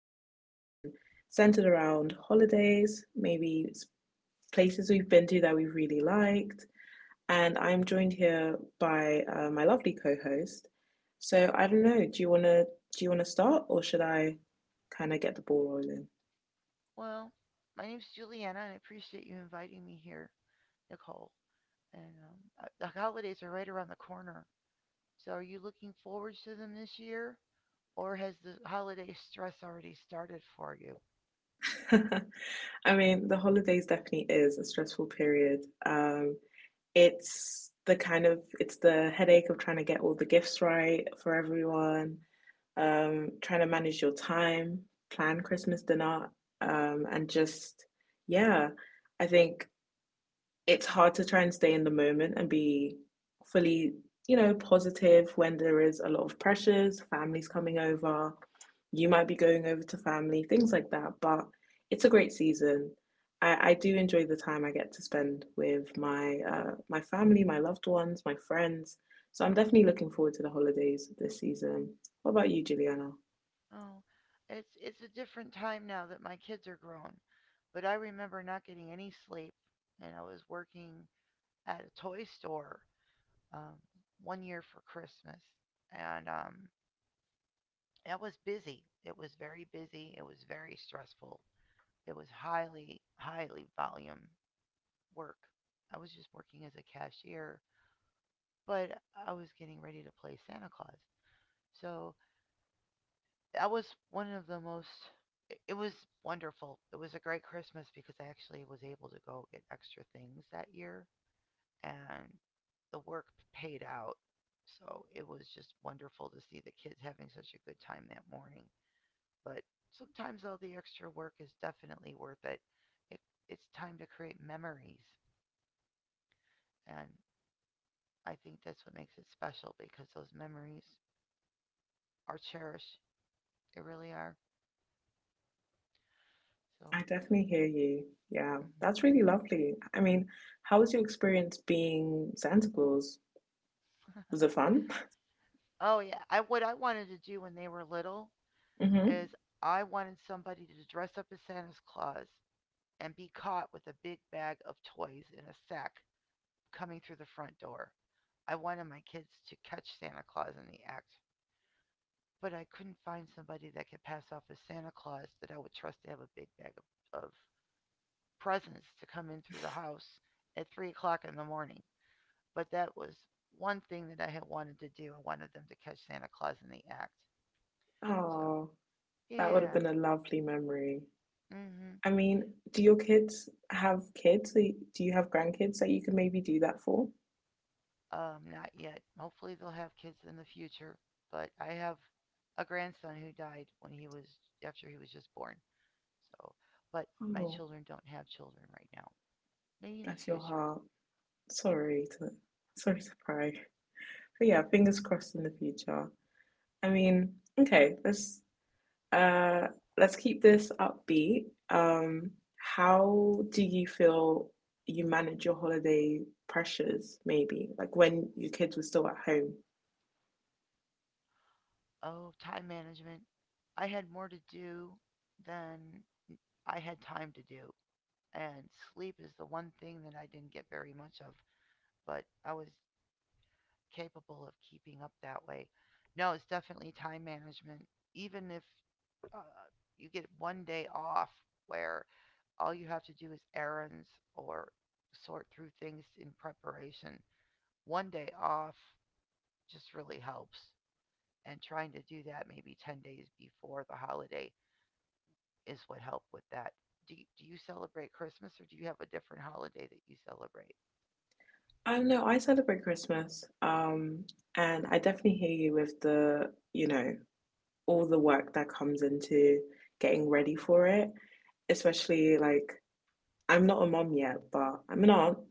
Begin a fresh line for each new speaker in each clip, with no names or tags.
conversation centered around holidays, maybe places we've been to that we've really liked. And I'm joined here by my lovely co-host. So I don't know, do you wanna start, or should I kind of get the ball rolling?
Well, my name's Juliana, and I appreciate you inviting me here, Nicole. And the holidays are right around the corner. So, are you looking forward to them this year, or has the holiday stress already started for you?
I mean, the holidays definitely is a stressful period. It's the kind of it's the headache of trying to get all the gifts right for everyone, trying to manage your time, plan Christmas dinner, um, and just yeah, I think it's hard to try and stay in the moment and be fully, positive when there is a lot of pressures, families coming over, you might be going over to family, things like that. But it's a great season. I do enjoy the time I get to spend with my my family, my loved ones, my friends. So I'm definitely looking forward to the holidays this season. What about you, Juliana?
Oh, it's a different time now that my kids are grown, but I remember not getting any sleep, and I was working at a toy store um, one year for Christmas, and that was busy. It was very busy. It was very stressful. It was highly, highly volume work. I was just working as a cashier, but I was getting ready to play Santa Claus. So that was one of the most, it- was wonderful. It was a great Christmas because I actually was able to go get extra things that year and the work paid out. So it was just wonderful to see the kids having such a good time that morning. But sometimes all the extra work is definitely worth it. it it's time to create memories. And I think that's what makes it special because those memories are cherished. They really are. So.
I definitely hear you. Yeah,
Mhm.
that's really lovely. I mean, how was your experience being Santa Claus? Was it fun?
Oh yeah. I What I wanted to do when they were little
Hmm.
is I wanted somebody to dress up as Santa's Claus and be caught with a big bag of toys in a sack coming through the front door. I wanted my kids to catch Santa Claus in the act, but I couldn't find somebody that could pass off as Santa Claus that I would trust to have a big bag of presents to come in through the house at 3 o'clock in the morning. But that was one thing that I had wanted to do. I wanted them to catch Santa Claus in the act. So
Oh, that would have
yeah.
been a lovely memory.
Mm-hmm.
I mean, do your kids have kids? Do you have grandkids that you can maybe do that for?
Not yet. Hopefully they'll have kids in the future. But I have a grandson who died when he was after he was just born. So, but my
Oh,
children don't have children right now. Maybe in the
bless your
future.
heart. Sorry to sorry to pry. But yeah, fingers crossed in the future. I mean, okay, Uh, let's keep this upbeat. How do you feel you manage your holiday pressures, maybe? Like when your kids were still at home?
Oh, time management. I had more to do than I had time to do, and sleep is the one thing that I didn't get very much of, but I was capable of keeping up that way. No, it's definitely time management. Even if uh, you get one day off where all you have to do is errands or sort through things in preparation, one day off just really helps. And trying to do that maybe 10 days before the holiday is what helped with that. Do you celebrate Christmas, or do you have a different holiday that you celebrate?
I don't know. I celebrate Christmas. And I definitely hear you with the, all the work that comes into getting ready for it. Especially like I'm not a mom yet, but I'm an aunt.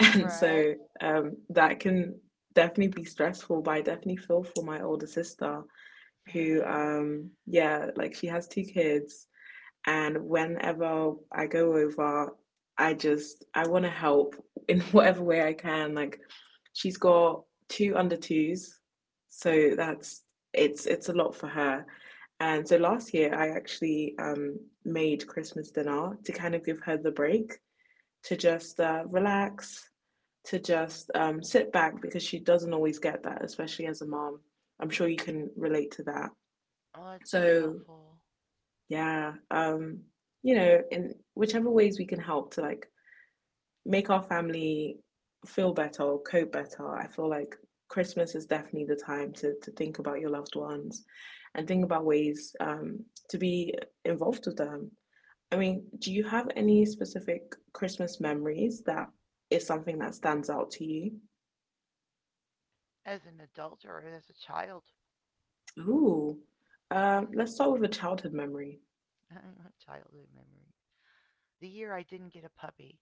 And
Right.
so that can definitely be stressful, but I definitely feel for my older sister who, like she has two kids. And whenever I go over, I want to help in whatever way I can. Like she's got two under twos. So it's a lot for her. And so last year, I actually made Christmas dinner to kind of give her the break to just relax, to just sit back because she doesn't always get that, especially as a mom. I'm sure you can relate to that.
Well, that's very
So
helpful.
yeah, you know, in whichever ways we can help to like make our family feel better or cope better, I feel like Christmas is definitely the time to think about your loved ones and think about ways to be involved with them. I mean, do you have any specific Christmas memories that is something that stands out to you?
As an adult or as a child?
Ooh, let's start with a childhood memory.
Childhood memory. The year I didn't get a puppy,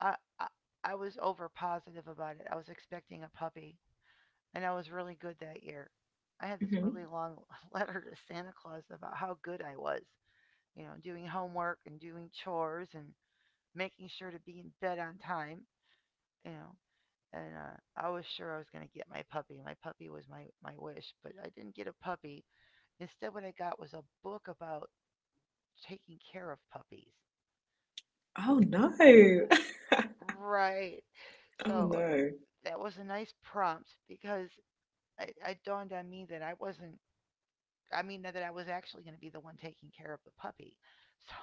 I, I I was over positive about it. I was expecting a puppy, and I was really good that year. I had this
Hmm.
really long letter to Santa Claus about how good I was doing homework and doing chores and making sure to be in bed on time, you know, and I was sure I was going to get my puppy. My puppy was my wish, but I didn't get a puppy. Instead, what I got was a book about taking care of puppies.
Oh no.
Right.
Oh
So
no.
that was a nice prompt because it dawned on me that I wasn't, I mean, that I was actually going to be the one taking care of the puppy. So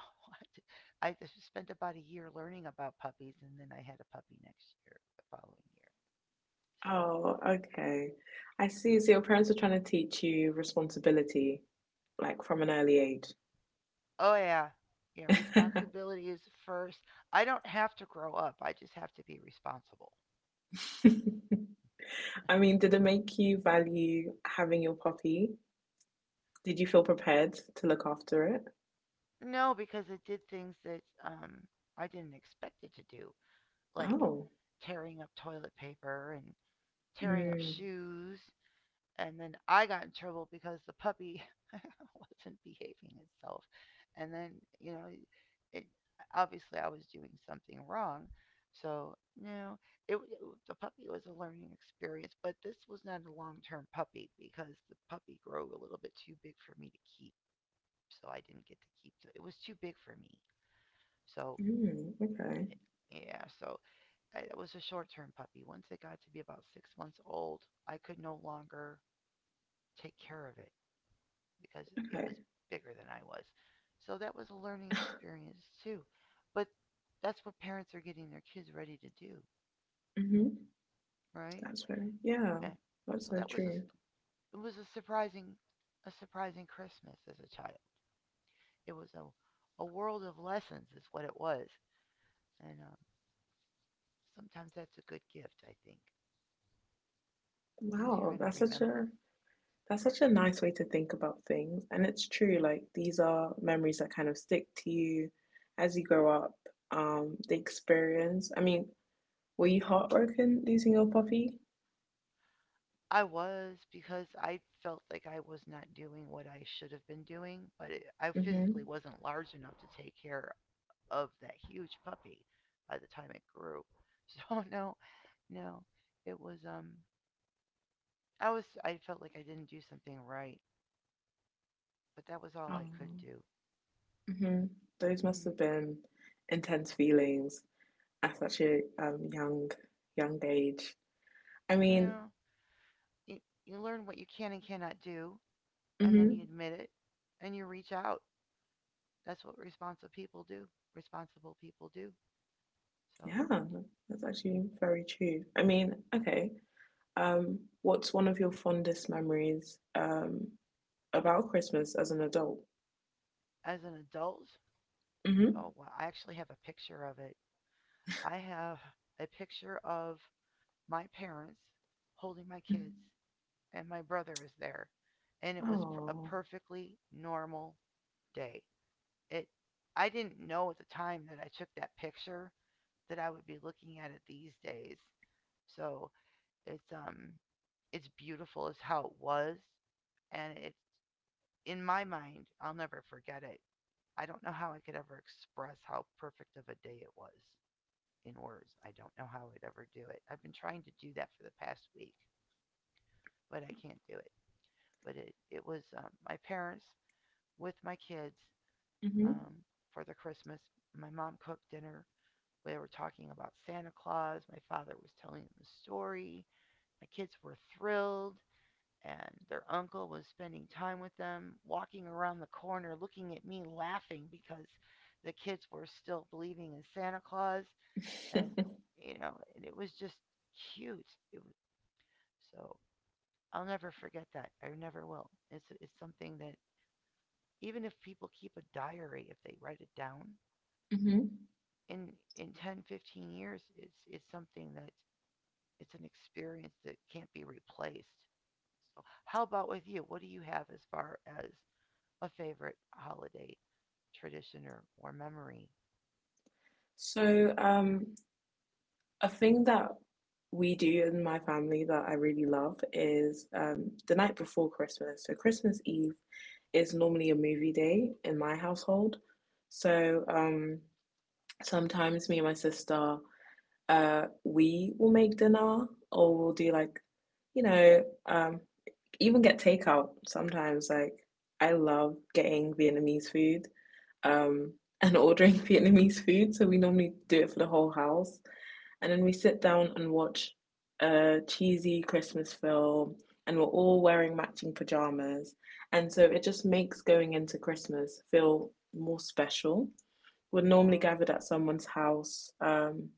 I spent about a year learning about puppies, and then I had a puppy next year, the following year. So.
Oh, okay. I see. So your parents are trying to teach you responsibility, like from an early age.
Oh yeah. Yeah, responsibility is first. I don't have to grow up. I just have to be responsible.
I mean, did it make you value having your puppy? Did you feel prepared to look after it?
No, because it did things that I didn't expect it to do, like
Oh.
tearing up toilet paper and tearing up
Mm.
shoes. And then I got in trouble because the puppy wasn't behaving itself. And then, you know, it, obviously I was doing something wrong. So, no, it the puppy was a learning experience, but this was not a long-term puppy because the puppy grew a little bit too big for me to keep. So I didn't get to keep it. It was too big for me. So,
Mm. Okay.
it, yeah, so it was a short-term puppy. Once it got to be about 6 months old, I could no longer take care of it, because it
Okay.
was bigger than I was. So that was a learning experience too. But that's what parents are getting their kids ready to do,
Mm-hmm.
right?
That's very, yeah,
And
that's
so
so
that was a
true.
it was a surprising Christmas as a child. It was a world of lessons is what it was, and sometimes that's a good gift. I think things you're
Wow,
going to remember.
that's such a nice way to think about things. And it's true, like these are memories that kind of stick to you as you grow up. The experience. I mean, were you heartbroken losing your puppy?
I was, because I felt like I was not doing what I should have been doing, but I physically
Mm-hmm.
wasn't large enough to take care of that huge puppy by the time it grew. So no, no, it was I felt like I didn't do something right, but that was all I
Oh.
could do.
Mm-hmm. Those must
Mm,
have been intense feelings at such a young age. I mean,
no, you you learn what you can and cannot do, and then you
mm-hmm.
admit it, and you reach out. That's what responsible people do. Responsible people do. So.
Yeah, that's actually very true. I mean, okay. What's one of your fondest memories? About Christmas as an adult.
As an adult, oh well, I actually have a picture of it. I have a picture of my parents holding my
Mm-hmm.
kids, and my brother was there, and it was a
Oh.
perfectly normal day. It I didn't know at the time that I took that picture that I would be looking at it these days. So it's um it's beautiful as how it was, and it's in my mind. I'll never forget it. I don't know how I could ever express how perfect of a day it was in words. I don't know how I'd ever do it. I've been trying to do that for the past week, but I can't do it. But it was my parents with my kids
Mm-hmm.
um, for the Christmas. My mom cooked dinner. They were talking about Santa Claus. My father was telling them the story. My kids were thrilled, and their uncle was spending time with them, walking around the corner, looking at me, laughing because the kids were still believing in Santa Claus. And, and it was just cute. It was, so I'll never forget that. I never will. It's something that, even if people keep a diary, if they write it down,
Mm-hmm.
in 10 to 15 years, it's something that, it's an experience that can't be replaced. So how about with you? What do you have as far as a favorite holiday tradition, or memory?
So, a thing that we do in my family that I really love is the night before Christmas. So, Christmas Eve is normally a movie day in my household. So, sometimes me and my sister, we will make dinner or we'll do like, you know, um, even get takeout sometimes. Like, I love getting Vietnamese food um, and ordering Vietnamese food. So we normally do it for the whole house. And then we sit down and watch a cheesy Christmas film, and we're all wearing matching pajamas. And so it just makes going into Christmas feel more special. We're normally
Oh.
gathered at someone's house.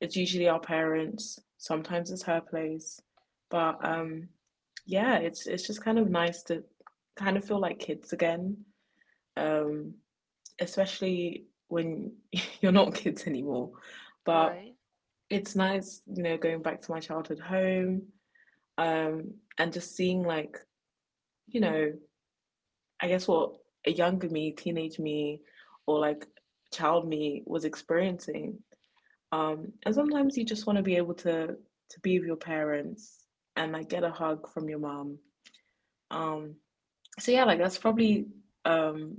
It's usually our parents. Sometimes it's her place, but
Right.
yeah, it's just kind of nice to kind of feel like kids again, um, especially when you're not kids anymore. But
Right.
it's nice, you know, going back to my childhood home and just seeing like you know, I guess what a younger me, teenage me, or like child me was experiencing. And sometimes you just want to be able to be with your parents and like get a hug from your mom. Um, so yeah, like that's probably um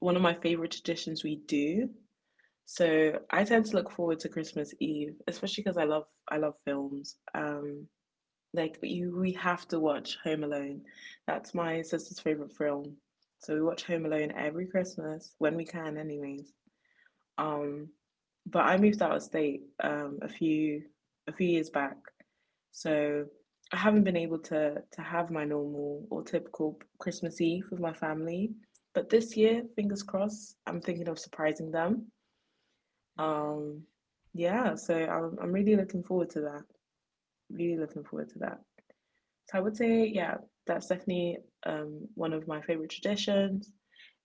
one of my favorite traditions we do. So I tend to look forward to Christmas Eve, especially because I love films. Like you, we have to watch Home Alone. That's my sister's favorite film. So we watch Home Alone every Christmas when we can, anyways. Um, but I moved out of state a few years back, so I haven't been able to have my normal or typical Christmas Eve with my family. But this year, fingers crossed, I'm thinking of surprising them.
Nice.
Um, yeah, so I'm really looking forward to that. Really looking forward to that. So I would say, yeah, that's definitely one of my favorite traditions.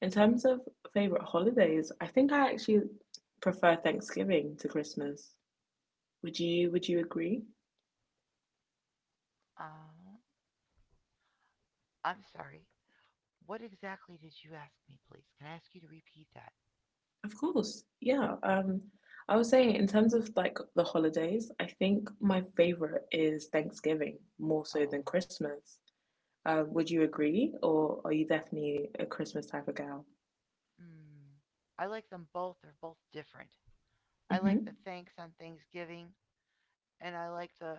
In terms of favorite holidays, I think I actually prefer Thanksgiving to Christmas. Would you agree?
um I'm sorry, what exactly did you ask me? Please, can I ask you to repeat that?
Of course, yeah. I would say in terms of like the holidays, I think my favorite is Thanksgiving more so
Oh.
than Christmas. Would you agree, or are you definitely a Christmas type of gal?
Mm. I like them both. They're both different. I like the
Hmm.
thanks on Thanksgiving, and I like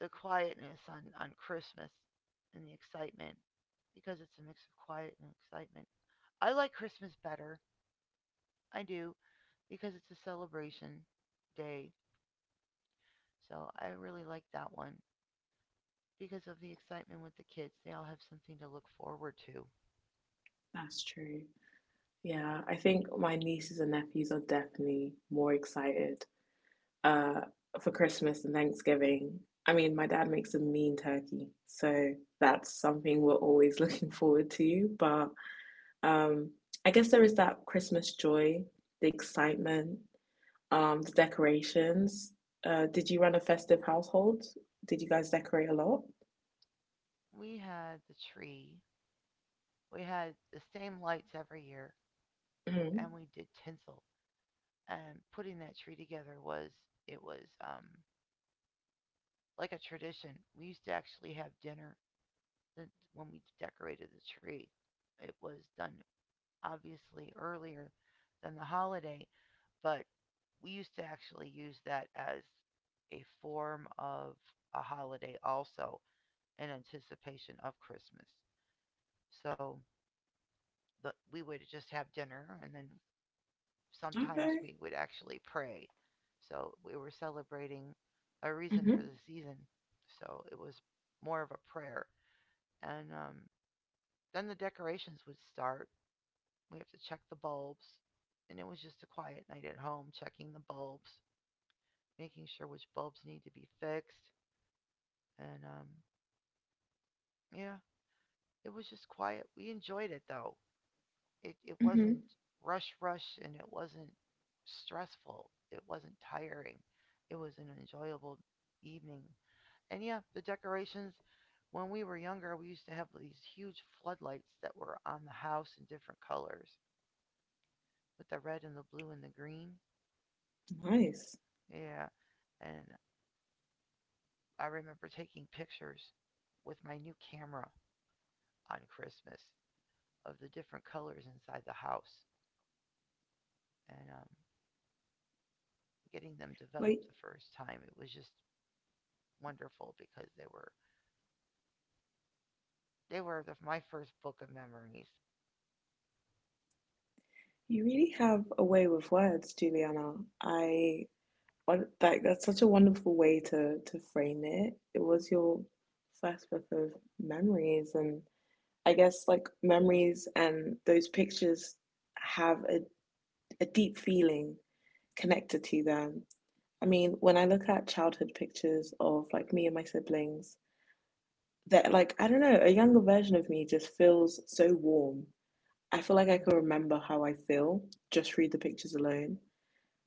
the quietness on Christmas and the excitement, because it's a mix of quiet and excitement. I like Christmas better. I do, because it's a celebration day. So I really like that one because of the excitement with the kids. They all have something to look forward to.
That's true. Yeah, I think my nieces and nephews are definitely more excited uh, for Christmas and Thanksgiving. I mean, my dad makes a mean turkey, so that's something we're always looking forward to. But um, I guess there is that Christmas joy, the excitement, the decorations. Did you run a festive household? Did you guys decorate a lot?
We had the tree. We had the same lights every year, and
Mhm.
we did tinsel. And putting that tree together was it was like a tradition. We used to actually have dinner the when we decorated the tree. It was done obviously earlier than the holiday, but we used to actually use that as a form of a holiday also, in anticipation of Christmas. So we would just have dinner, and then sometimes
Okay.
we would actually pray. So we were celebrating a reason for
Hmm.
the season. So it was more of a prayer. And then the decorations would start. We have to check the bulbs. And it was just a quiet night at home, checking the bulbs, making sure which bulbs need to be fixed. And yeah, it was just quiet. We enjoyed it though. It
Hmm.
wasn't rush, rush, and it wasn't stressful. It wasn't tiring. It was an enjoyable evening. And yeah, the decorations, when we were younger, we used to have these huge floodlights that were on the house in different colors, with the red and the blue and the green.
Nice.
Yeah. And I remember taking pictures with my new camera on Christmas of the different colors inside the house, and getting them
Wait,
developed the first time. It was just wonderful because they were my first book of memories.
you really have a way with words, Juliana. I like that's such a wonderful way to frame it. It was your first book of memories, and I guess like memories and those pictures have a deep feeling connected to them. I mean, when I look at childhood pictures of like me and my siblings, that like I don't know, a younger version of me just feels so warm. I feel like I
Mhm.
can remember how I feel just read the pictures alone.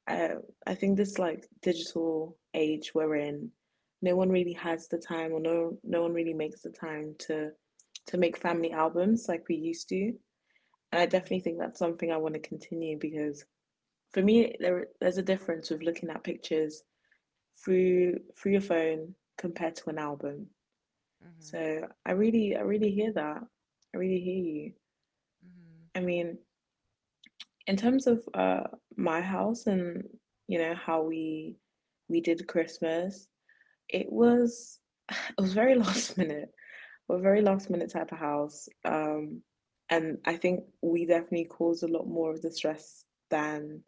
Uh, I think this like digital age we're in, no one really has the time, or no one really makes the time to make family albums like we used to. And I
Mhm.
definitely think that's something I want to continue because for me there's a difference with looking at pictures through your phone compared to an album.
Mhm.
So I really hear that. I really hear you.
Mhm.
I mean, in terms of my house and you know how we did Christmas, it was it was very last minute. We're a very last minute type of house. And I think we definitely caused a lot more of the stress than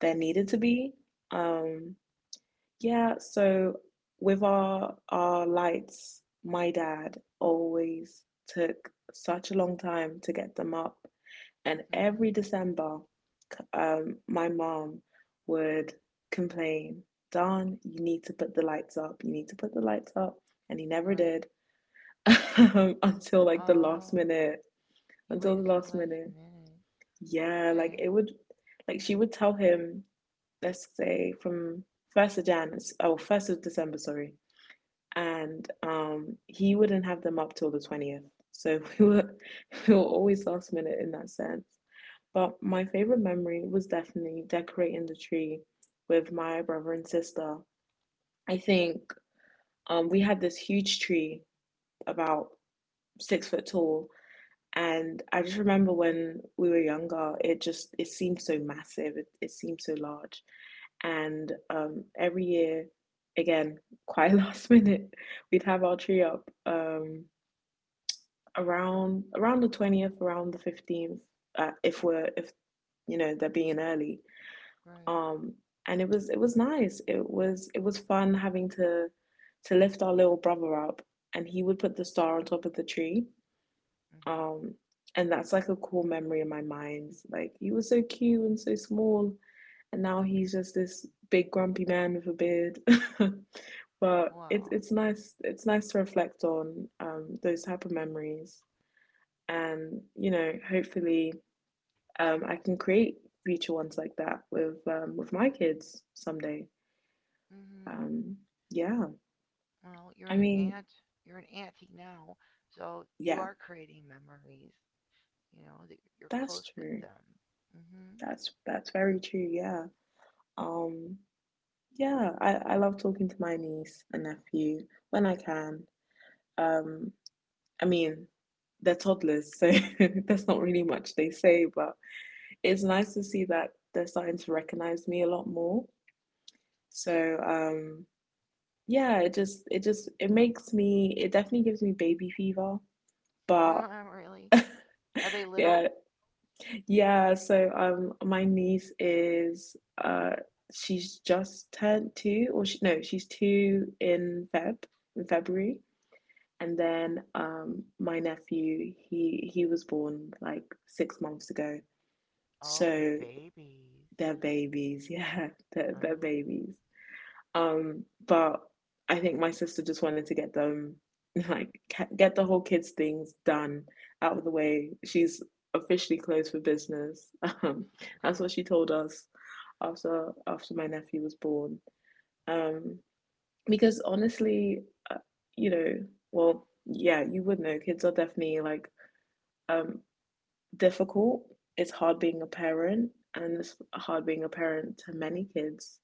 there needed to be. Um yeah, so with our lights, my dad always took such a long time to get them up, and
Mhm.
every December, my mom would complain, Don, you need to put the lights up. You need to put the lights up. And he never
Right.
did until like the last
Oh,
minute.
you
Until
waited
the
to the
last
last
minute.
minute.
Yeah, like
Okay.
it would, like she would tell him, let's say from 1st of Jan, 1st of December, sorry. And he wouldn't have them up till the 20th. So we were always last minute in that sense. But my favorite memory was definitely decorating the tree with my brother and sister. I think we had this huge tree, about 6 foot tall, and I just remember when we were younger, it seemed so massive, it seemed so large, and every year, again, quite last minute, we'd have our tree up around the 20th, around the 15th, if we're if you know they're being early.
Right.
Um, and it was nice. It was fun having to lift our little brother up, and he would put the star on top of the tree.
Mhm.
Um, and that's like a cool memory in my mind. Like he was so cute and so small, and now he's just this big grumpy man with a beard. but it's
Wow.
it's nice it's nice to reflect on those type of memories, and hopefully I can create future ones like that with my kids someday.
Mhm.
Um, yeah.
Well, you're
I
an
mean,
aunt. You're an auntie now, so you
yeah,
are creating memories. You know that you're
that's
close with
true.
them. Mm-hmm.
That's very true, yeah. Um, yeah, I love talking to my niece and nephew when I can. Um, I mean, they're toddlers, so there's not really much they say, but it's nice to see that they're starting to recognize me a lot more. So, yeah, it just it just it makes me it definitely gives me baby fever, but
Oh, really? Are they
yeah.
little?
Yeah, so my niece is uh she's just turned two or she no, she's two in Feb in February. And then my nephew, he was born like 6 months ago.
Oh, they're
So
babies.
they're babies, yeah, they're
Oh,
babies. But I think my sister just wanted to get them like get the whole kids things done out of the way. She's officially closed for business. Um, that's what
okay.
she told us after my nephew was born. Um, because honestly, uh, you know, yeah, you would know. Kids are definitely like um difficult. It's hard being a parent, and it's hard being a parent to many kids.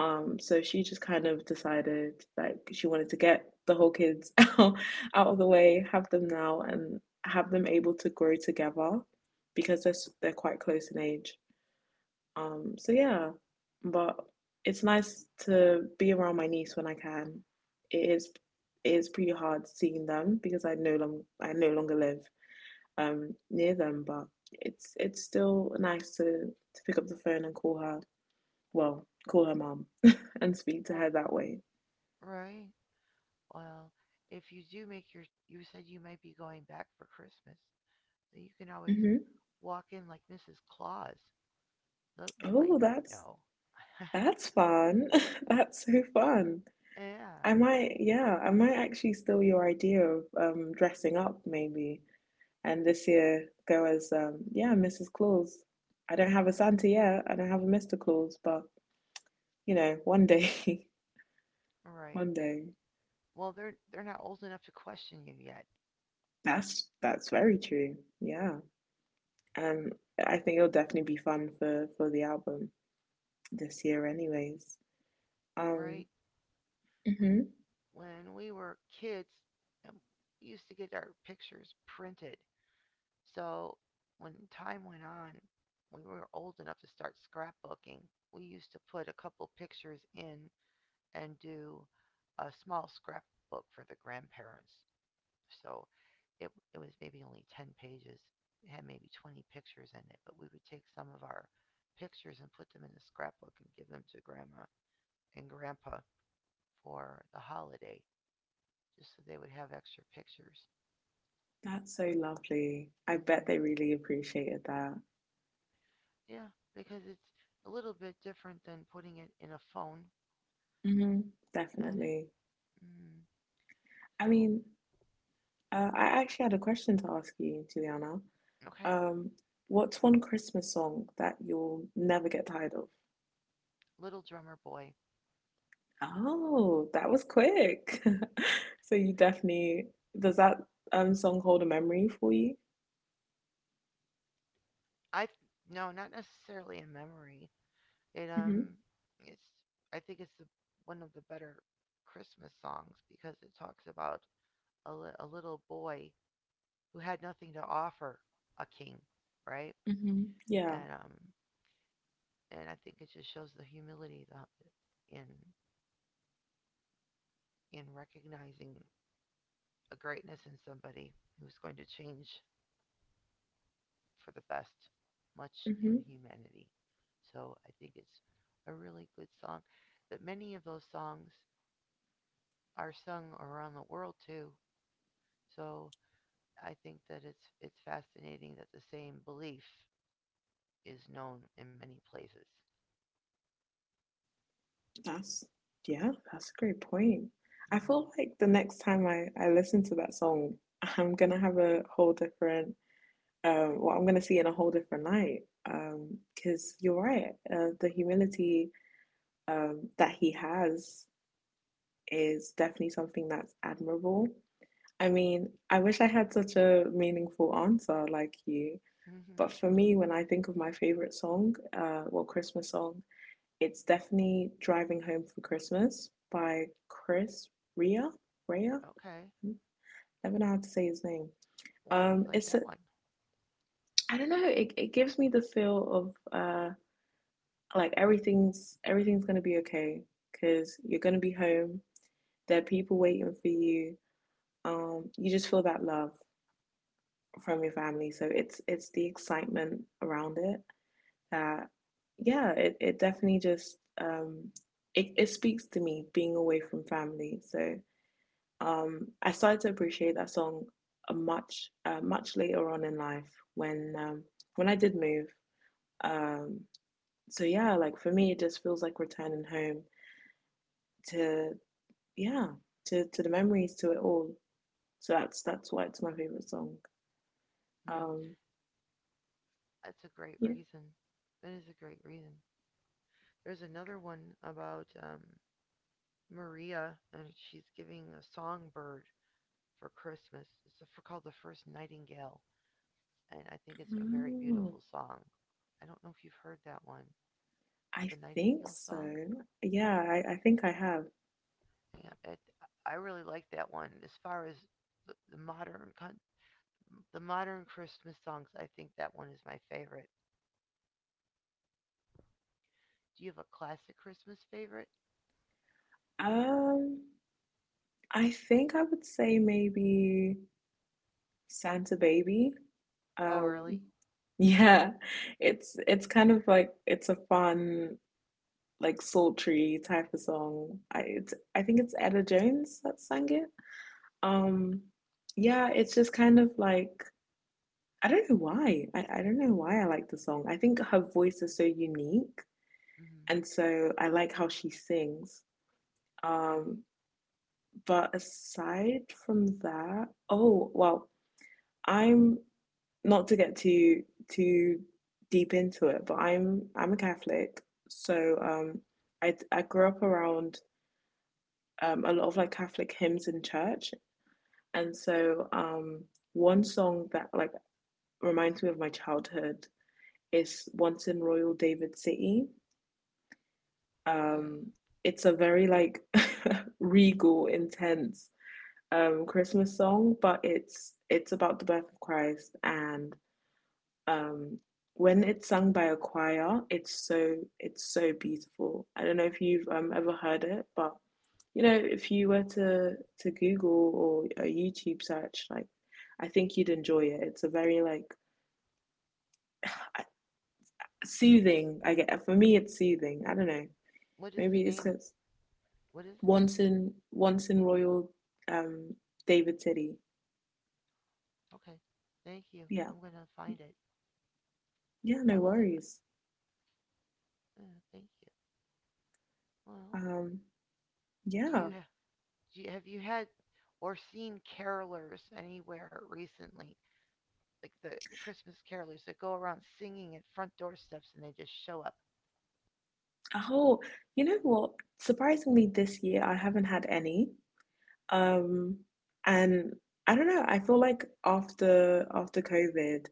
So she just kind of decided like she wanted to get the whole kids out of the way, have them now, and have them able to grow together because they're quite close in age. So yeah, but it's nice to be around my niece when I can. It is it is pretty hard seeing them because I no longer live near them, but it's still nice to pick up the phone and call her, well, call her mom, and speak to
Well,
her that way.
right. Well, if you do make your, you said you might be going back for Christmas, so you can always
Mm-hmm.
walk in like Mrs. Claus. They might
Oh,
not
that's
know.
that's fun. That's so fun.
Yeah,
I might, yeah, I might actually steal your idea of dressing up maybe, and this year go as yeah, Mrs. Claus. I don't have a
yeah.
Santa yet. I don't have a Mr. Claus, but you know, one day,
All right.
one day.
Well, they're not old enough to question you yet.
That's very true. Yeah, and I think it'll definitely be fun for the album this year, anyways.
Right?
Um,
We
Mm-hmm.
when we were kids, um, we used to get our pictures printed. So when time went on, when we were old enough to start scrapbooking, we used to put a couple pictures in and do a small scrapbook for the grandparents. So it was maybe only 10 pages. It had maybe 20 pictures in it, but we would take some of our pictures and put them in the scrapbook and give them to grandma and grandpa for the holiday. Just so they would have extra pictures.
That's so lovely. I bet
Hmm.
they really appreciated that.
Yeah, because it's a little bit different than putting it in a phone.
Hmm.
And
Definitely.
mm,
I
so.
mean, I actually had a question to ask you, Juliana.
Okay.
Um, what's one Christmas song that you'll never get tired of?
Little Drummer Boy.
Oh, that was quick. So you definitely, does that song hold a memory for you?
I no, not necessarily a memory. It
Hmm.
um, it's I think it's one of the better Christmas songs because it talks about a, a little boy who had nothing to offer a king, right?
Hmm. Yeah.
And um, and I think it just shows the humility the, in recognizing a greatness in somebody who's going to change for the best much in
Hmm.
humanity. So I think it's a really good song. That many of those songs are sung around the world too. So I think that it's fascinating that the same belief is known in many places.
That's yeah, that's a great point. I
Mhm.
feel like the next time I listen to that song, I'm gonna have a whole different I'm gonna see in a whole different light. Because you're right, the humility that he has is definitely something that's admirable. I mean, I wish I had such a meaningful answer like you, but for me, when I think of my favorite song, Christmas song, it's definitely Driving Home for Christmas by Chris Rea. Rea?
Okay,
I never know how to say his name.
why do you
Um,
like
it's
that
a,
one?
I don't know. It gives me the feel of like everything's gonna be okay because you're gonna be home. There are people waiting for you. You just feel that love from your family. So it's the excitement around it that yeah, it definitely just it speaks to me being away from family. So I started to appreciate that song a much much later on in life when I did move. Um, so yeah, like for me, it just feels like returning home to yeah to the memories, to it all. So that's why it's my favorite song.
Mm,
Um,
that's a great
yeah,
reason. That is a great reason. There's another one about Maria, and she's giving a songbird for Christmas. It's called The First Nightingale, and I think it's a very
Mm,
beautiful song. I don't know if you've heard that one,
I
the
think
Nightingale song.
so. Yeah, I think I have.
Yeah, I really like that one. As far as the, the modern con- the modern Christmas songs, I think that one is my favorite. Do you have a classic Christmas favorite?
Um, I think I would say maybe Santa Baby.
Oh, really?
Um, yeah, it's a fun, like sultry type of song. I think it's Etta Jones that sang it. Um, yeah, it's just kind of like I don't know why. I don't know why I like the song. I think her voice is so unique,
Mm-hmm.
and so I like how she sings.
Right.
Um, but aside from that, I'm not to get too too deep into it, but I'm a Catholic, so I grew up around a lot of like Catholic hymns in church, and so one song that like reminds me of my childhood is "Once in Royal David City."
Okay.
Um, it's a very like regal, intense Christmas song, but it's about the birth of Christ and um, when it's sung by a choir, it's so beautiful. I don't know if you've ever heard it, but you know, if you were to Google or a YouTube search, like I think you'd enjoy it. It's a very like soothing. I get for me, it's soothing. I don't know.
What is the
Maybe it's
name?
because
What is the name?
once in Royal um, David City.
Okay. Thank you.
Yeah,
I'm gonna find it.
yeah, no
I will definitely.
worries.
Uh, Thank you. Well,
Um,
do
yeah,
you, do you have you had or seen carolers anywhere recently? Like the Christmas carolers that go around singing at front doorsteps and they just show up.
Oh, you know what? Surprisingly, this year I haven't had any. Um, and I don't know, I feel like after COVID,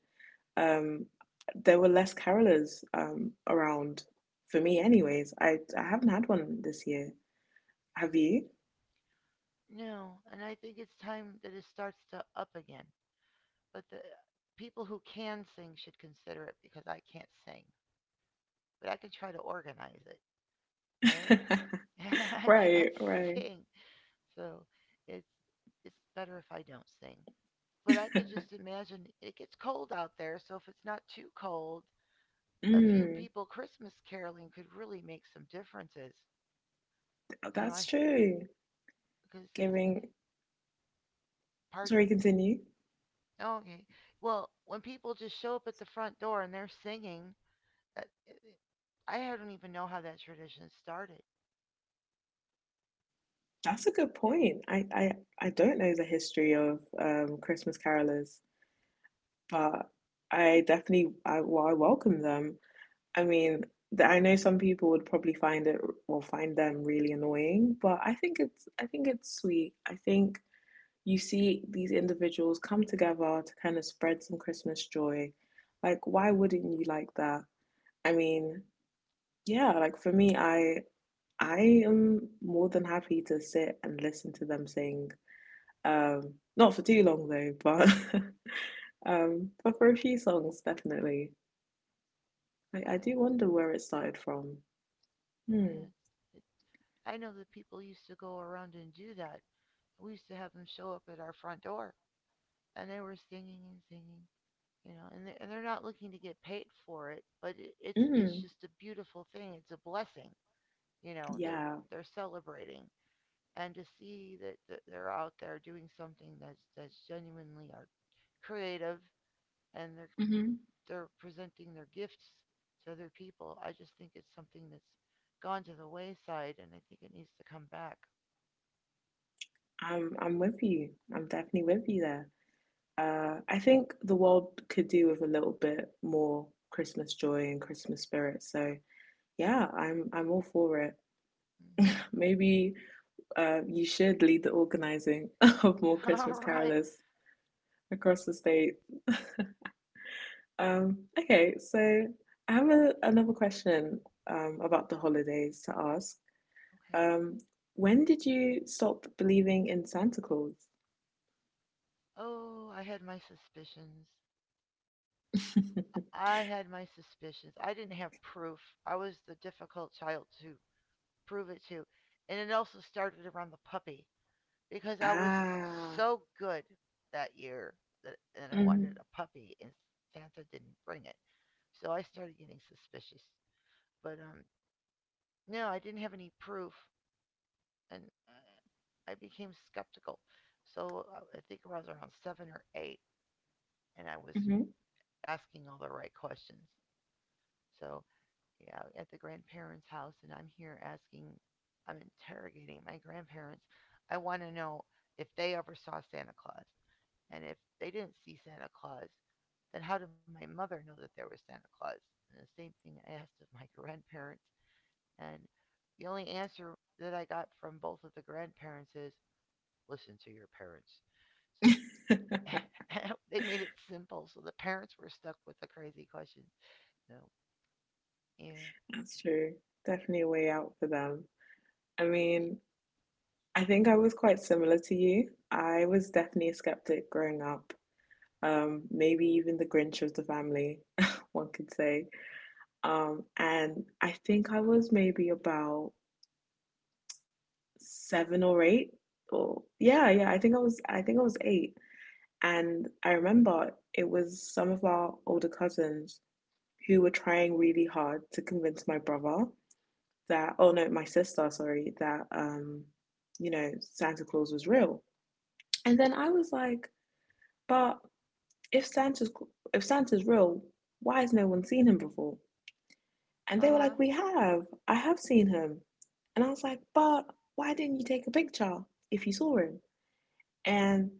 um, there were less carolers around for me anyways. I haven't had one this year. Have
Hmm.
you?
No, and I think it's time that it starts to up again. But the people who can sing should consider it because I can't sing. But I can try to organize it, right? I cannot
Right, right.
sing, so it's it's better if I don't sing. But I could just imagine it gets cold out there, so if it's not too cold, a few
Mm,
people Christmas caroling could really make some differences. You know,
that's
I,
true.
because it's,
Giving, sorry,
pardon?
continue.
Oh, okay. Well, when people just show up at the front door and they're singing, uh, I don't even know how that tradition started.
That's a good point. I don't know the history of Christmas carolers, but I, well, I welcome them. I mean, I know some people would probably find it or find them really annoying, but I think it's sweet. I think you see these individuals come together to kind of spread some Christmas joy. Like, why wouldn't you like that? I mean, yeah, like for me, I am more than happy to sit and listen to them sing. Not for too long though, but but for a few songs definitely. I do
Right.
wonder where it started from. Hmm.
Yeah, it, I know that people used to go around and do that. We used to have them show up at our front door, and they were singing and singing, and they're not looking to get paid for it, but it's
Mm.
just a beautiful thing. It's a blessing. you know they're
Yeah.
they're celebrating, and to see that they're out there doing something that's genuinely art, creative, and they're
Hmm.
they're presenting their gifts to other people. I just think it's something that's gone to the wayside, and I think it needs to come back.
I'm with you. I'm definitely with you there. I think the world could do with a little bit more Christmas joy and Christmas spirit. So yeah, I'm all for it.
Mm.
Maybe you should lead the organizing of more Christmas
All
carolers
right.
across the state. Okay, so I have another question about the holidays to ask.
Okay.
Um, when did you stop believing in Santa Claus?
Oh, I had my suspicions. I had my suspicions. I didn't have proof. I was the difficult child to prove it to. And it also started around the puppy because I was
Ah,
so good that year that and I wanted
hmm.
a puppy and Santa didn't bring it. So I started getting suspicious. But no, I didn't have any proof, and I became skeptical. So I think I was around 7 or 8 and I was
Hmm.
asking all the right questions. So out at the grandparents' house and I'm here asking, I'm interrogating my grandparents. I want to know if they ever saw Santa Claus. And if they didn't see Santa Claus, then how did my mother know that there was Santa Claus? And the same thing I asked of my grandparents. And the only answer that I got from both of the grandparents is, listen to your parents. So they made it simple. So the parents were stuck with the crazy question. No. Yeah.
That's true. Definitely a way out for them. I mean, I think I was quite similar to you. I was definitely a skeptic growing up, maybe even the Grinch of the family, one could say. And I think I was maybe about 7 or 8, or yeah, yeah, I think I was 8. And I remember it was some of our older cousins who were trying really hard to convince my brother, that oh no, my sister, sorry, that you know, Santa Claus was real. And then I was like, but if Santa's if Santa's real, why has no one seen him before? And
Uh
they were
huh.
like, we have. I have seen him. And I was like, but why didn't you take a picture if you saw him? And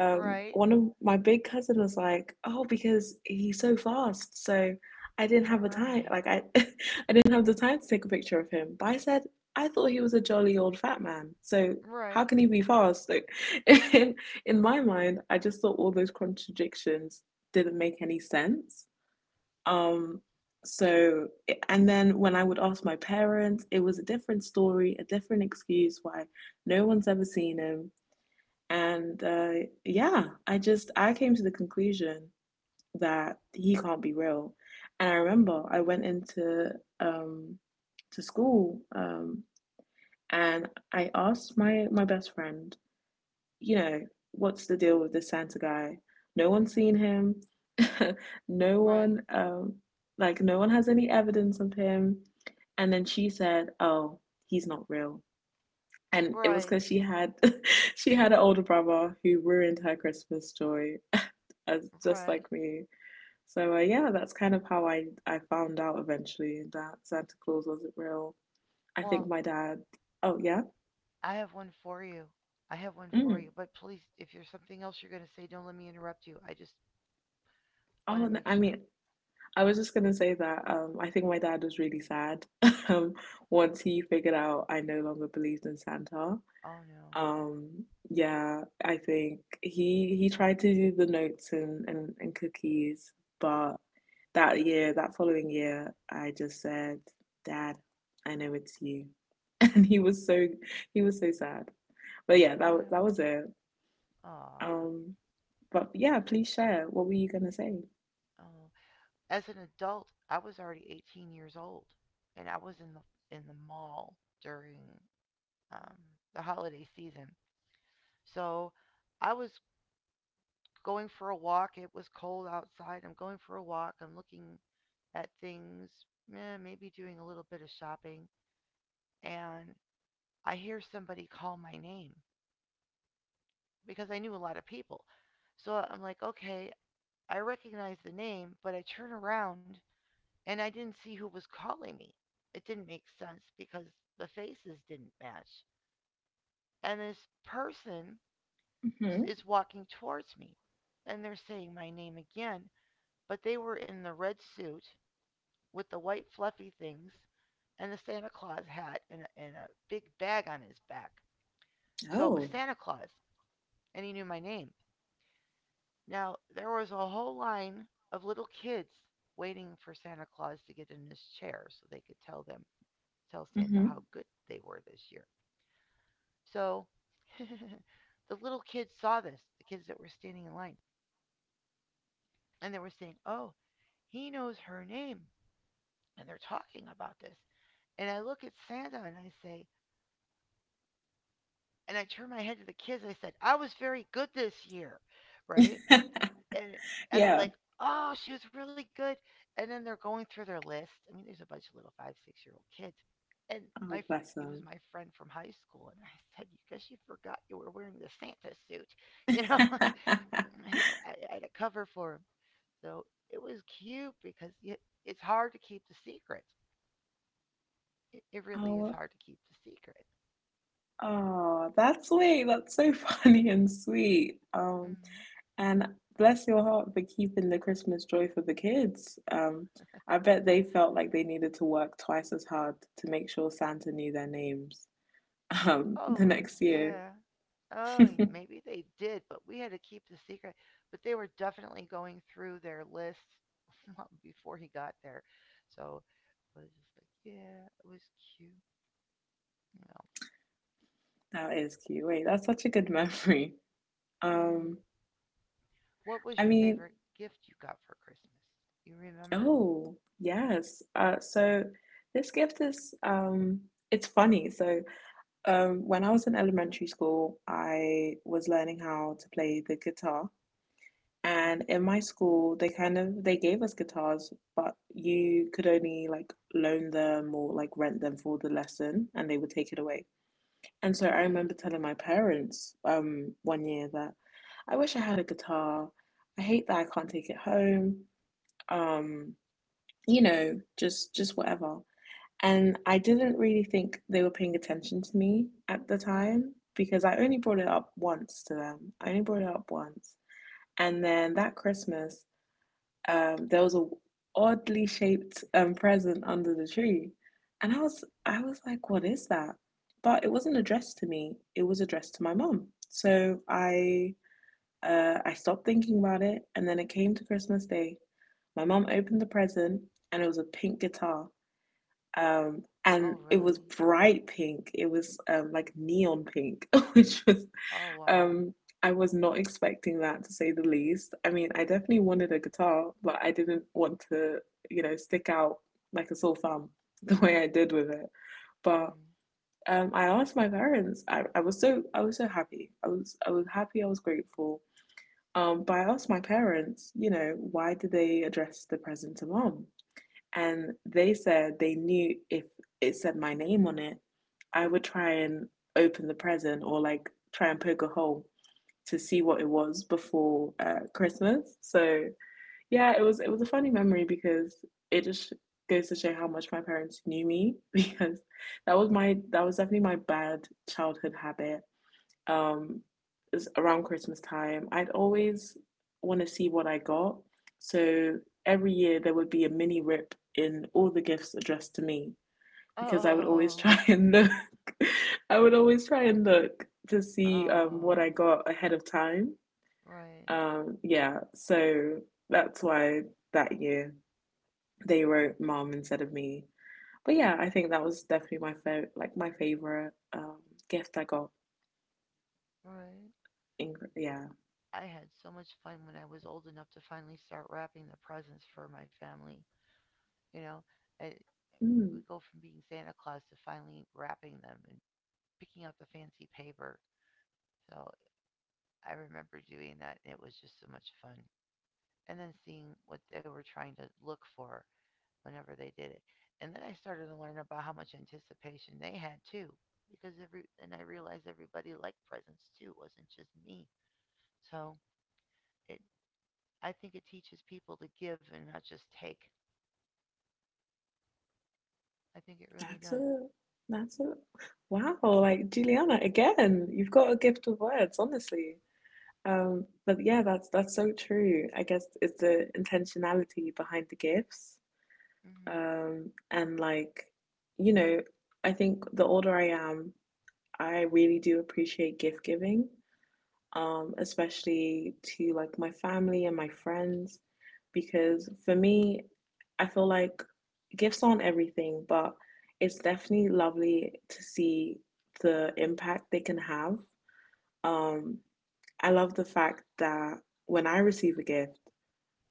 Right.
one of my big cousin was like, "Oh, because he's so fast, so I didn't have a time.
Right.
Like I didn't have the time to take a picture of him." But I said, "I thought he was a jolly old fat man. So how
Right.
can he be fast?" Like, in, in my mind, I just thought all those contradictions didn't make any sense. Um, so, and then when I would ask my parents, it was a different story, a different excuse why no one's ever seen him, and yeah, I came to the conclusion that he can't be real. And I remember I went into um, to school, and I asked my best friend, you know, what's the deal with this Santa guy? No one's seen
Mhm.
him. No
Right.
one like no one has any evidence of him. And then she said, "Oh, he's not real." And it was
Right.
because she had she had an older brother who ruined her Christmas joy, as just like
Right.
me. So yeah, that's kind of how I found out eventually that Santa Claus wasn't real. I think
Well,
my dad. Oh yeah.
I have one for you. I have one for
Mm.
you. But please, if there's something else you're going to say, don't let me interrupt you. I just want
Oh,
to
no,
make
I
sure.
mean, I was just gonna say that I think my dad was really sad um, once he figured out I no longer believed in Santa.
Oh, no.
Yeah, I think he tried to do the notes and cookies, but that year, that following year, I just said, "Dad, I know it's you," and he was so sad. But yeah,
Oh,
that
no.
was it.
Ah.
Um, but yeah, please share. What were you gonna say?
Oh. As an adult, I was already 18 years old, and I was in the mall during um, the holiday season. So I was going for a walk. It was cold outside. I'm going for a walk. I'm looking at things, maybe doing a little bit of shopping, and I hear somebody call my name because I knew a lot of people. So I'm like, okay, I recognize the name, but I turn around and I didn't see who was calling me. It didn't make sense because the faces didn't match. And this person
Hmm
is walking towards me and they're saying my name again, but they were in the red suit with the white fluffy things and the Santa Claus hat and a big bag on his back. So it was
Oh,
Santa Claus, and he knew my name. Now, there was a whole line of little kids waiting for Santa Claus to get in his chair so they could tell Santa
hmm
how good they were this year. So the little kids saw this, the kids that were standing in line, and they were saying, "Oh, he knows her name." And they're talking about this. And I look at Santa and I say, and I turned my head to the kids. I said, "I was very good this year," right? And and they're
yeah.
like, "Oh, she was really good." And then they're going through their list. I mean, there's a bunch of little five, 6-year old kids, and my
Oh, bless
it was
him.
my friend from high school, and I said, "Because you forgot you were wearing the Santa suit," you know. You know, I had a cover for him, so it was cute because y it's hard to keep the secret. It really is
Oh,
hard to keep the secret.
oh, that's sweet. That's so funny and sweet. Um,
Hmm.
And bless your heart for keeping the Christmas joy for the kids. I bet they felt like they needed to work twice as hard to make sure Santa knew their names the
Oh,
next year.
yeah. Oh,
That
maybe they did, but we had to keep the secret. But they were definitely going through their list long before he got there. So I was just like, yeah, it was cute. You know.
is cute. Wait, that's such a good memory. Um,
Hmm. What was
I
your
mean,
favorite gift you got for Christmas? You remember?
oh, yes. So this gift is, it's funny. So when I was in elementary school, I was learning how to play the guitar. And
Hmm.
in my school, they kind of they gave us guitars, but you could only like loan them or like rent them for the lesson, and they would take it away. And so I
Okay.
remember telling my parents one year that I wish I had a guitar. I hate that I can't take it home. Um, you know, just whatever. And I didn't really think they were paying attention to me at the
Okay.
time because I only brought it up once to them. I only brought it up once. And then that Christmas, there was a oddly shaped present under the tree, and I was like, what is that? But it wasn't addressed to me. It was addressed to my mum. So I stopped thinking about it, and then it came to Christmas Day. My mum opened the present, and it was a pink guitar. And
Oh,
it was
really?
bright pink. It was like neon pink, which was
Oh, wow.
um, I was not expecting that to say the least. I mean, I definitely wanted a guitar, but I didn't want to, you know, stick out like a sore thumb the way I did with it. But
Hmm.
I asked my parents. I was so happy. I was happy. I was grateful. But I asked my parents, you know, why did they address the present to mom? And they said they knew if it said my name on it, I would try and open the present or like try and poke a hole to see what it was before Christmas. So yeah, it was a funny memory because it just goes to show how much my parents knew me because that was definitely my bad childhood habit. Um, is around Christmas time, I'd always want to see what I got. So every year there would be a mini rip in all the gifts addressed to me because I would always
Oh,
try and look. I would always try and look to see what I
oh,
got ahead of time.
right,
Yeah, so that's why that year they wrote mom instead of me. But yeah, I think that was definitely my favorite, like my favorite gift I got.
right.
In yeah,
I had so much fun when I was old enough to finally start wrapping the presents for my family. You know, I
mm,
would go from being Santa Claus to finally wrapping them and picking out the fancy paper. So I remember doing that. It was just so much fun. And then seeing what they were trying to look for whenever they did it. And then I started to learn about how much anticipation they had too. Because every and I realized everybody liked presents too. It wasn't just me. So it I think it teaches people to give and not just take. I think it really
that's
does.
it. That's it. Wow, like Juliana, again, you've got a gift of words, honestly. But yeah, that's so true. I guess it's the intentionality behind the gifts,
Hmm.
and like you know, I think the older I am, I really do appreciate gift giving, especially to like my family and my friends, because for me, I feel like gifts aren't everything, but it's definitely lovely to see the impact they can have. Um, I love the fact that when I receive a gift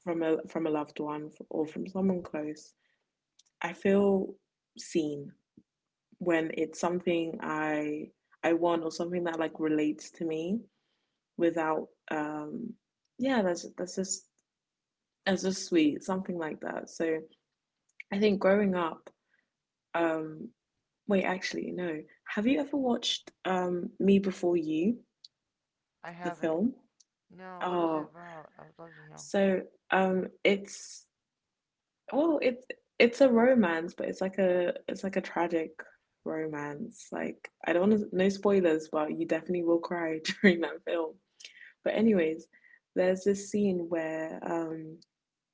from a loved one or from someone close, I feel seen when it's something I want or something that like relates to me. Without um, yeah, that's just sweet, something like that. So I think growing up, um, wait, actually, no, have you ever watched Me Before You,
I
the
haven't.
film?
No, what is it
Oh,
about? I would love to know.
so um, it's it's a romance, but it's like a it's a tragic romance. Like I don't want to, no spoilers, but you definitely will cry during that film. But anyways, there's this scene where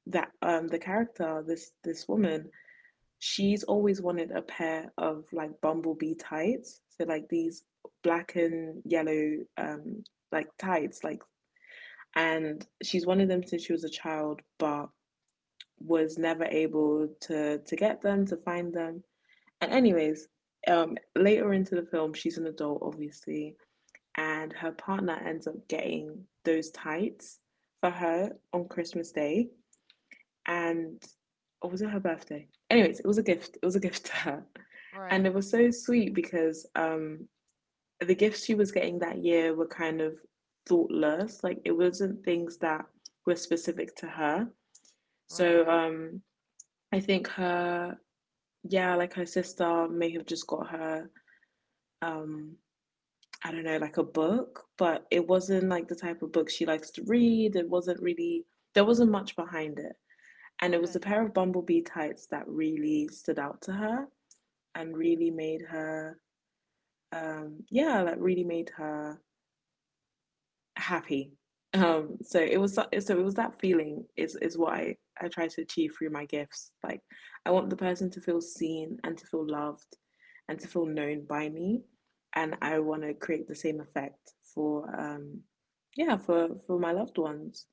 that the character, this woman, she's always wanted a pair of like bumblebee tights, so like these black and yellow, um, like tights like, and she's wanted them since she was a child, but was never able to get them, to find them. And anyways, um, later into the film, she's an adult, obviously, and her partner ends up getting those tights for her on Christmas Day. And or was it her birthday? Anyways, it was a gift. It was a gift to her. And
Right,
it was so sweet because the gifts she was getting that year were kind of thoughtless. Like it wasn't things that were specific to her. So
right.
I think her, yeah, like her sister may have just got her, um, I don't know, like a book, but it wasn't like the type of book she likes to read. It wasn't really, there wasn't much behind it. And it was
Okay.
a pair of bumblebee tights that really stood out to her and really made her, yeah, like really made her happy. So it was that feeling is what I try to achieve through my gifts. Like I want the person to feel seen and to feel loved and to feel known by me, and I
Hmm.
want to create the same effect for yeah, for my loved ones.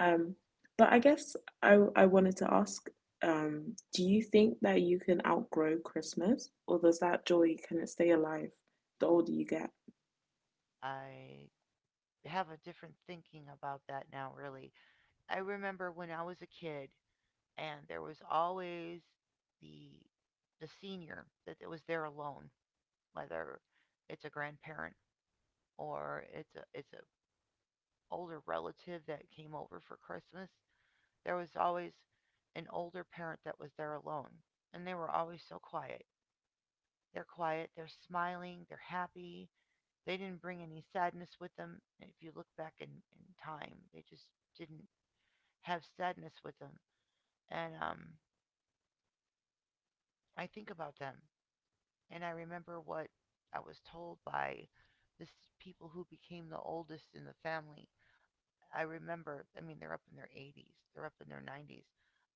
Um, but I guess I wanted to ask, do you think that you can outgrow Christmas, or does that joy, can it stay alive the older you get?
I have a different thinking about that now, really. I remember when I was a kid, and there was always the the senior that it was there alone, whether it's a grandparent or it's a older relative that came over for Christmas. There was always an older parent that was there alone, and they were always so quiet. They're quiet, they're smiling, they're happy. They didn't bring any sadness with them. If you look back in time, they just didn't have sadness with them. And I think about them, and I remember what I was told by the people who became the oldest in the family. I remember, I mean, they're up in their 80s, they're up in their 90s.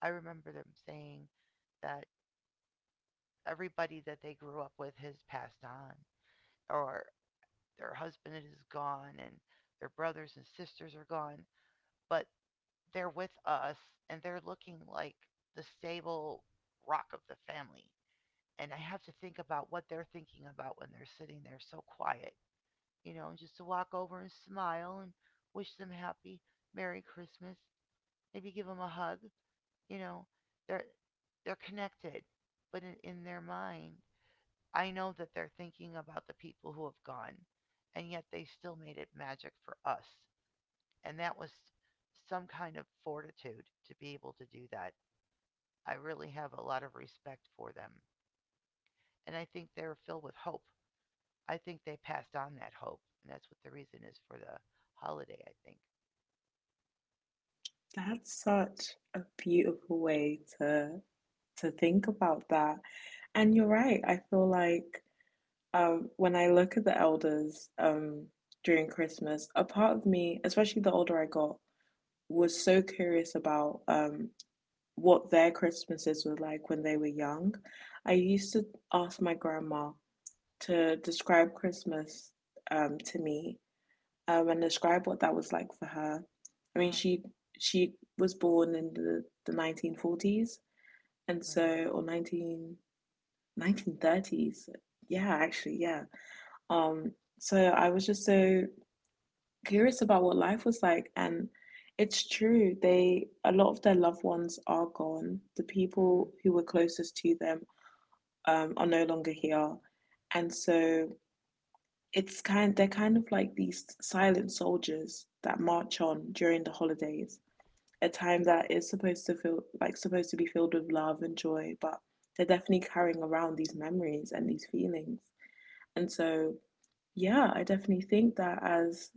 I remember them saying that everybody that they grew up with has passed on, or their husband is gone and their brothers and sisters are gone, but they're with us and they're looking like the stable rock of the family. And I have to think about what they're thinking about when they're sitting there so quiet. And just to walk over and smile and wish them happy merry Christmas, maybe give them a hug, you know they're they're connected. But in their mind, I know that they're thinking about the people who have gone, and yet they still made it magic for us. And that was some kind of fortitude to be able to do that. I really have a lot of respect for them. And I think they're filled with hope. I think they passed on that hope. And that's what the reason is for the holiday, I think.
That's such a beautiful way to think about that. And you're right. I feel like when I look at the elders during Christmas, a part of me, especially the older I got, was so curious about what their Christmases were like when they were young. I used to ask my grandma to describe Christmas to me and describe what that was like for her. I
Uh
mean,
huh.
she was born in the 1940s, and
Right.
so, or nineteen nineteen thirties. Yeah, actually, yeah. Um, so I was just so curious about what life was like. And it's true, they, a lot of their loved ones are gone, the
Mm-hmm.
people who were closest to them are no longer here. And so it's kind, they're like these silent soldiers that march on during the holidays, a time that is supposed to feel like, supposed to be filled with love and joy, but they're definitely carrying around these memories and these feelings. And so yeah, I definitely think that as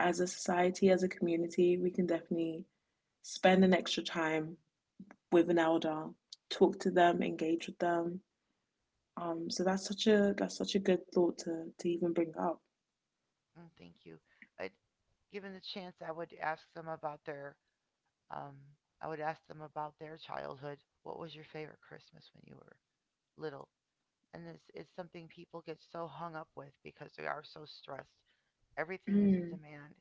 as a society, as a community, we can definitely spend an extra time with an elder, talk to them, engage with them. So that's such a good thought to even bring up.
Mm, thank you. I'd, given the chance, I would ask them about their. Um, I would ask them about their childhood. What was your favorite Christmas when you were little? And it's something people get so hung up with because they are so stressed. Everything is a
Mm,
demand,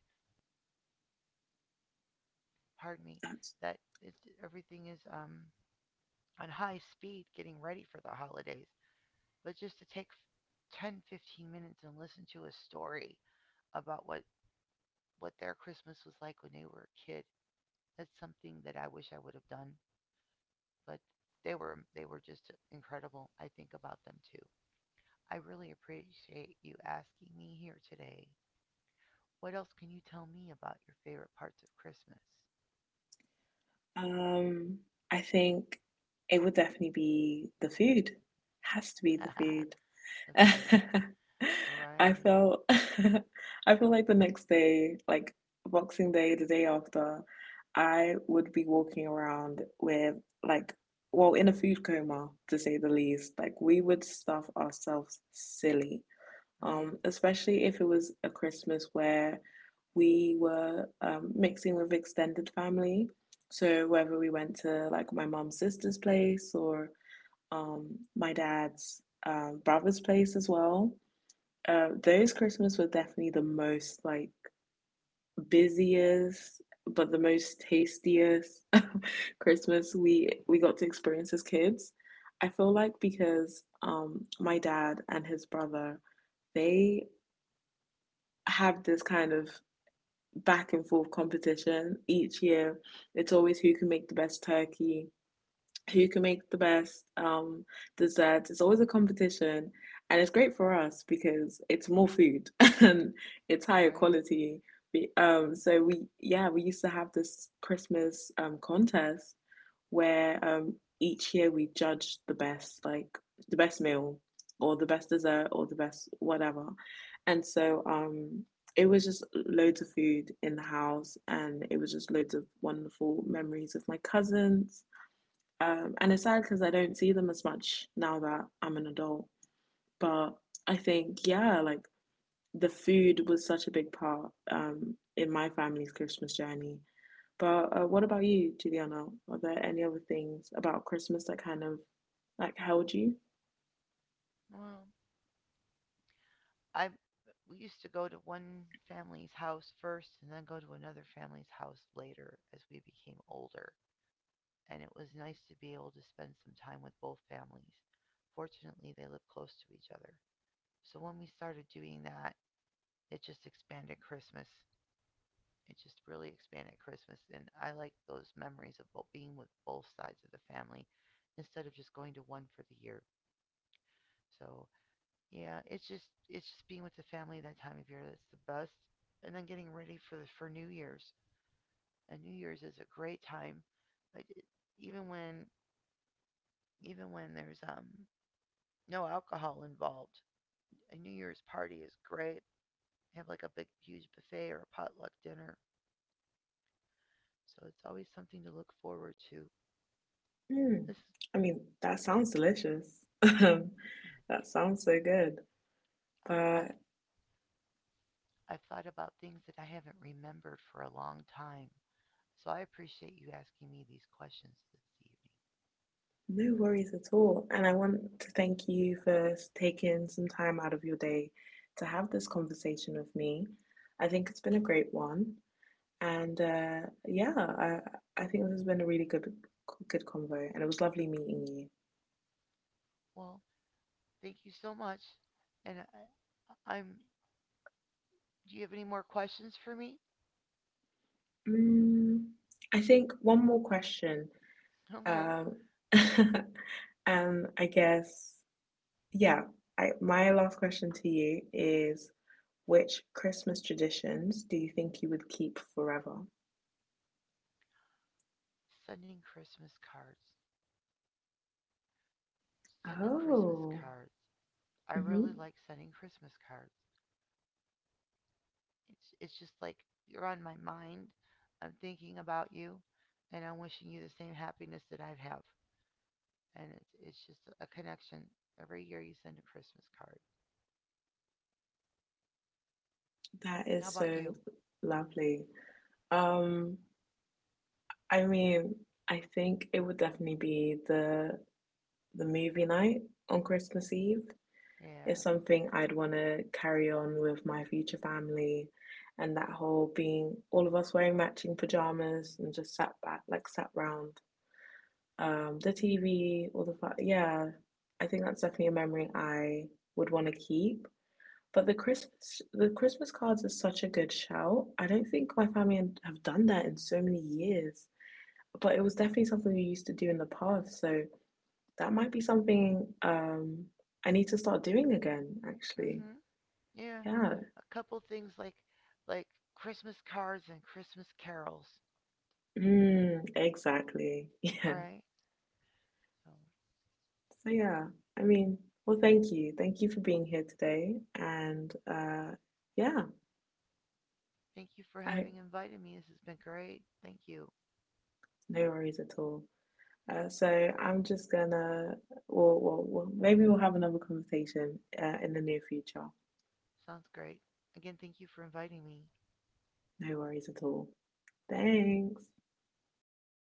pardon me,
that's,
that is, everything is on high speed getting ready for the holidays. But just to take 10, 15 minutes and listen to a story about what their Christmas was like when they were a kid, that's something that I wish I would have done. But they were just incredible. I think about them too. I really appreciate you asking me here today. What else can you tell me about your favorite parts of Christmas?
um, I think it would definitely be the food. Has to be the food.
The food.
I
Right,
felt I feel like the next day, like Boxing Day, the day after, I would be walking around with like, well, in a food coma, to say the least. Like we would stuff ourselves silly.
right,
Especially if it was a Christmas where we were mixing with extended family. So whether we went to like my mum's sister's place or my dad's brother's place as well. Those Christmas were definitely the most like busiest, but the most tastiest Christmas we got to experience as kids. I feel like because my dad and his brother, they have this kind of back and forth competition each year. It's always who can make the best turkey, who can make the best desserts. It's always a competition, and it's great for us because it's more food and it's higher
right.
quality. We, so we, yeah, we used to have this Christmas contest where each year we judged the best, like the best meal or the best dessert or the best whatever, and so it was just loads of food in the house, and it was just loads of wonderful memories with my cousins and it's sad because I don't see them as much now that I'm an adult. But I think, yeah, like the food was such a big part in my family's Christmas journey. But what about you, Juliana? Are there any other things about Christmas that kind of like held you?
Well, I we used to go to one family's house first and then go to another family's house later as we became older, and it was nice to be able to spend some time with both families. Fortunately, they live close to each other. So when we started doing that, it just expanded Christmas. It just really expanded Christmas, and I like those memories of being with both sides of the family instead of just going to one for the year. So yeah, it's just being with the family that time of year that's the best, and then getting ready for New Year's. And New Year's is a great time, like, even when even when there's no alcohol involved. A New Year's party is great. Have like a big huge buffet or a potluck dinner, so it's always something to look forward to.
Mm.
This
I mean, that sounds delicious. That sounds so good.
I've
But
I've thought about things that I haven't remembered for a long time, so I appreciate you asking me these questions this evening.
no worries at all. And I want to thank you for taking some time out of your day to have this conversation with me. I think it's been a great one. And yeah, I think this has been a really good convo, and it was lovely meeting you.
Well, thank you so much. And I, I'm. Do you have any more questions for me?
Mm, I think one more question.
Okay.
Um, and I guess, yeah, my last question to you is, which Christmas traditions do you think you would keep forever?
Sending Christmas cards. Sending Christmas
Oh,
cards. I
hmm.
really like sending Christmas cards. It's just like you're on my mind. I'm thinking about you, and I'm wishing you the same happiness that I have. And it's just a connection. Every year you send a Christmas card.
That
How
is
about
so
you?
lovely. Um, I mean, I think it would definitely be the movie night on Christmas Eve. Is
Yeah.
something I'd want to carry on with my future family, and that whole being all of us wearing matching pajamas and just sat back, like sat round the TV, all the fun. Yeah, I think that's definitely a memory I would want to keep. But the Christmas, the Christmas cards are such a good shout. I don't think my family have done that in so many years, but it was definitely something we used to do in the past. So that might be something I need to start doing again, actually.
Mhm. Yeah.
Yeah.
A couple things like Christmas cards and Christmas carols.
Mm, exactly.
All
Yeah.
right. So
So yeah, I mean, well, thank you. Thank you for being here today. And yeah,
thank you for
I,
having invited me. This has been great. Thank you.
no worries at all. So I'm just gonna, well, maybe we'll have another conversation in the near future.
Sounds great. Again, thank you for inviting me.
No worries at all. Thanks.
Good night.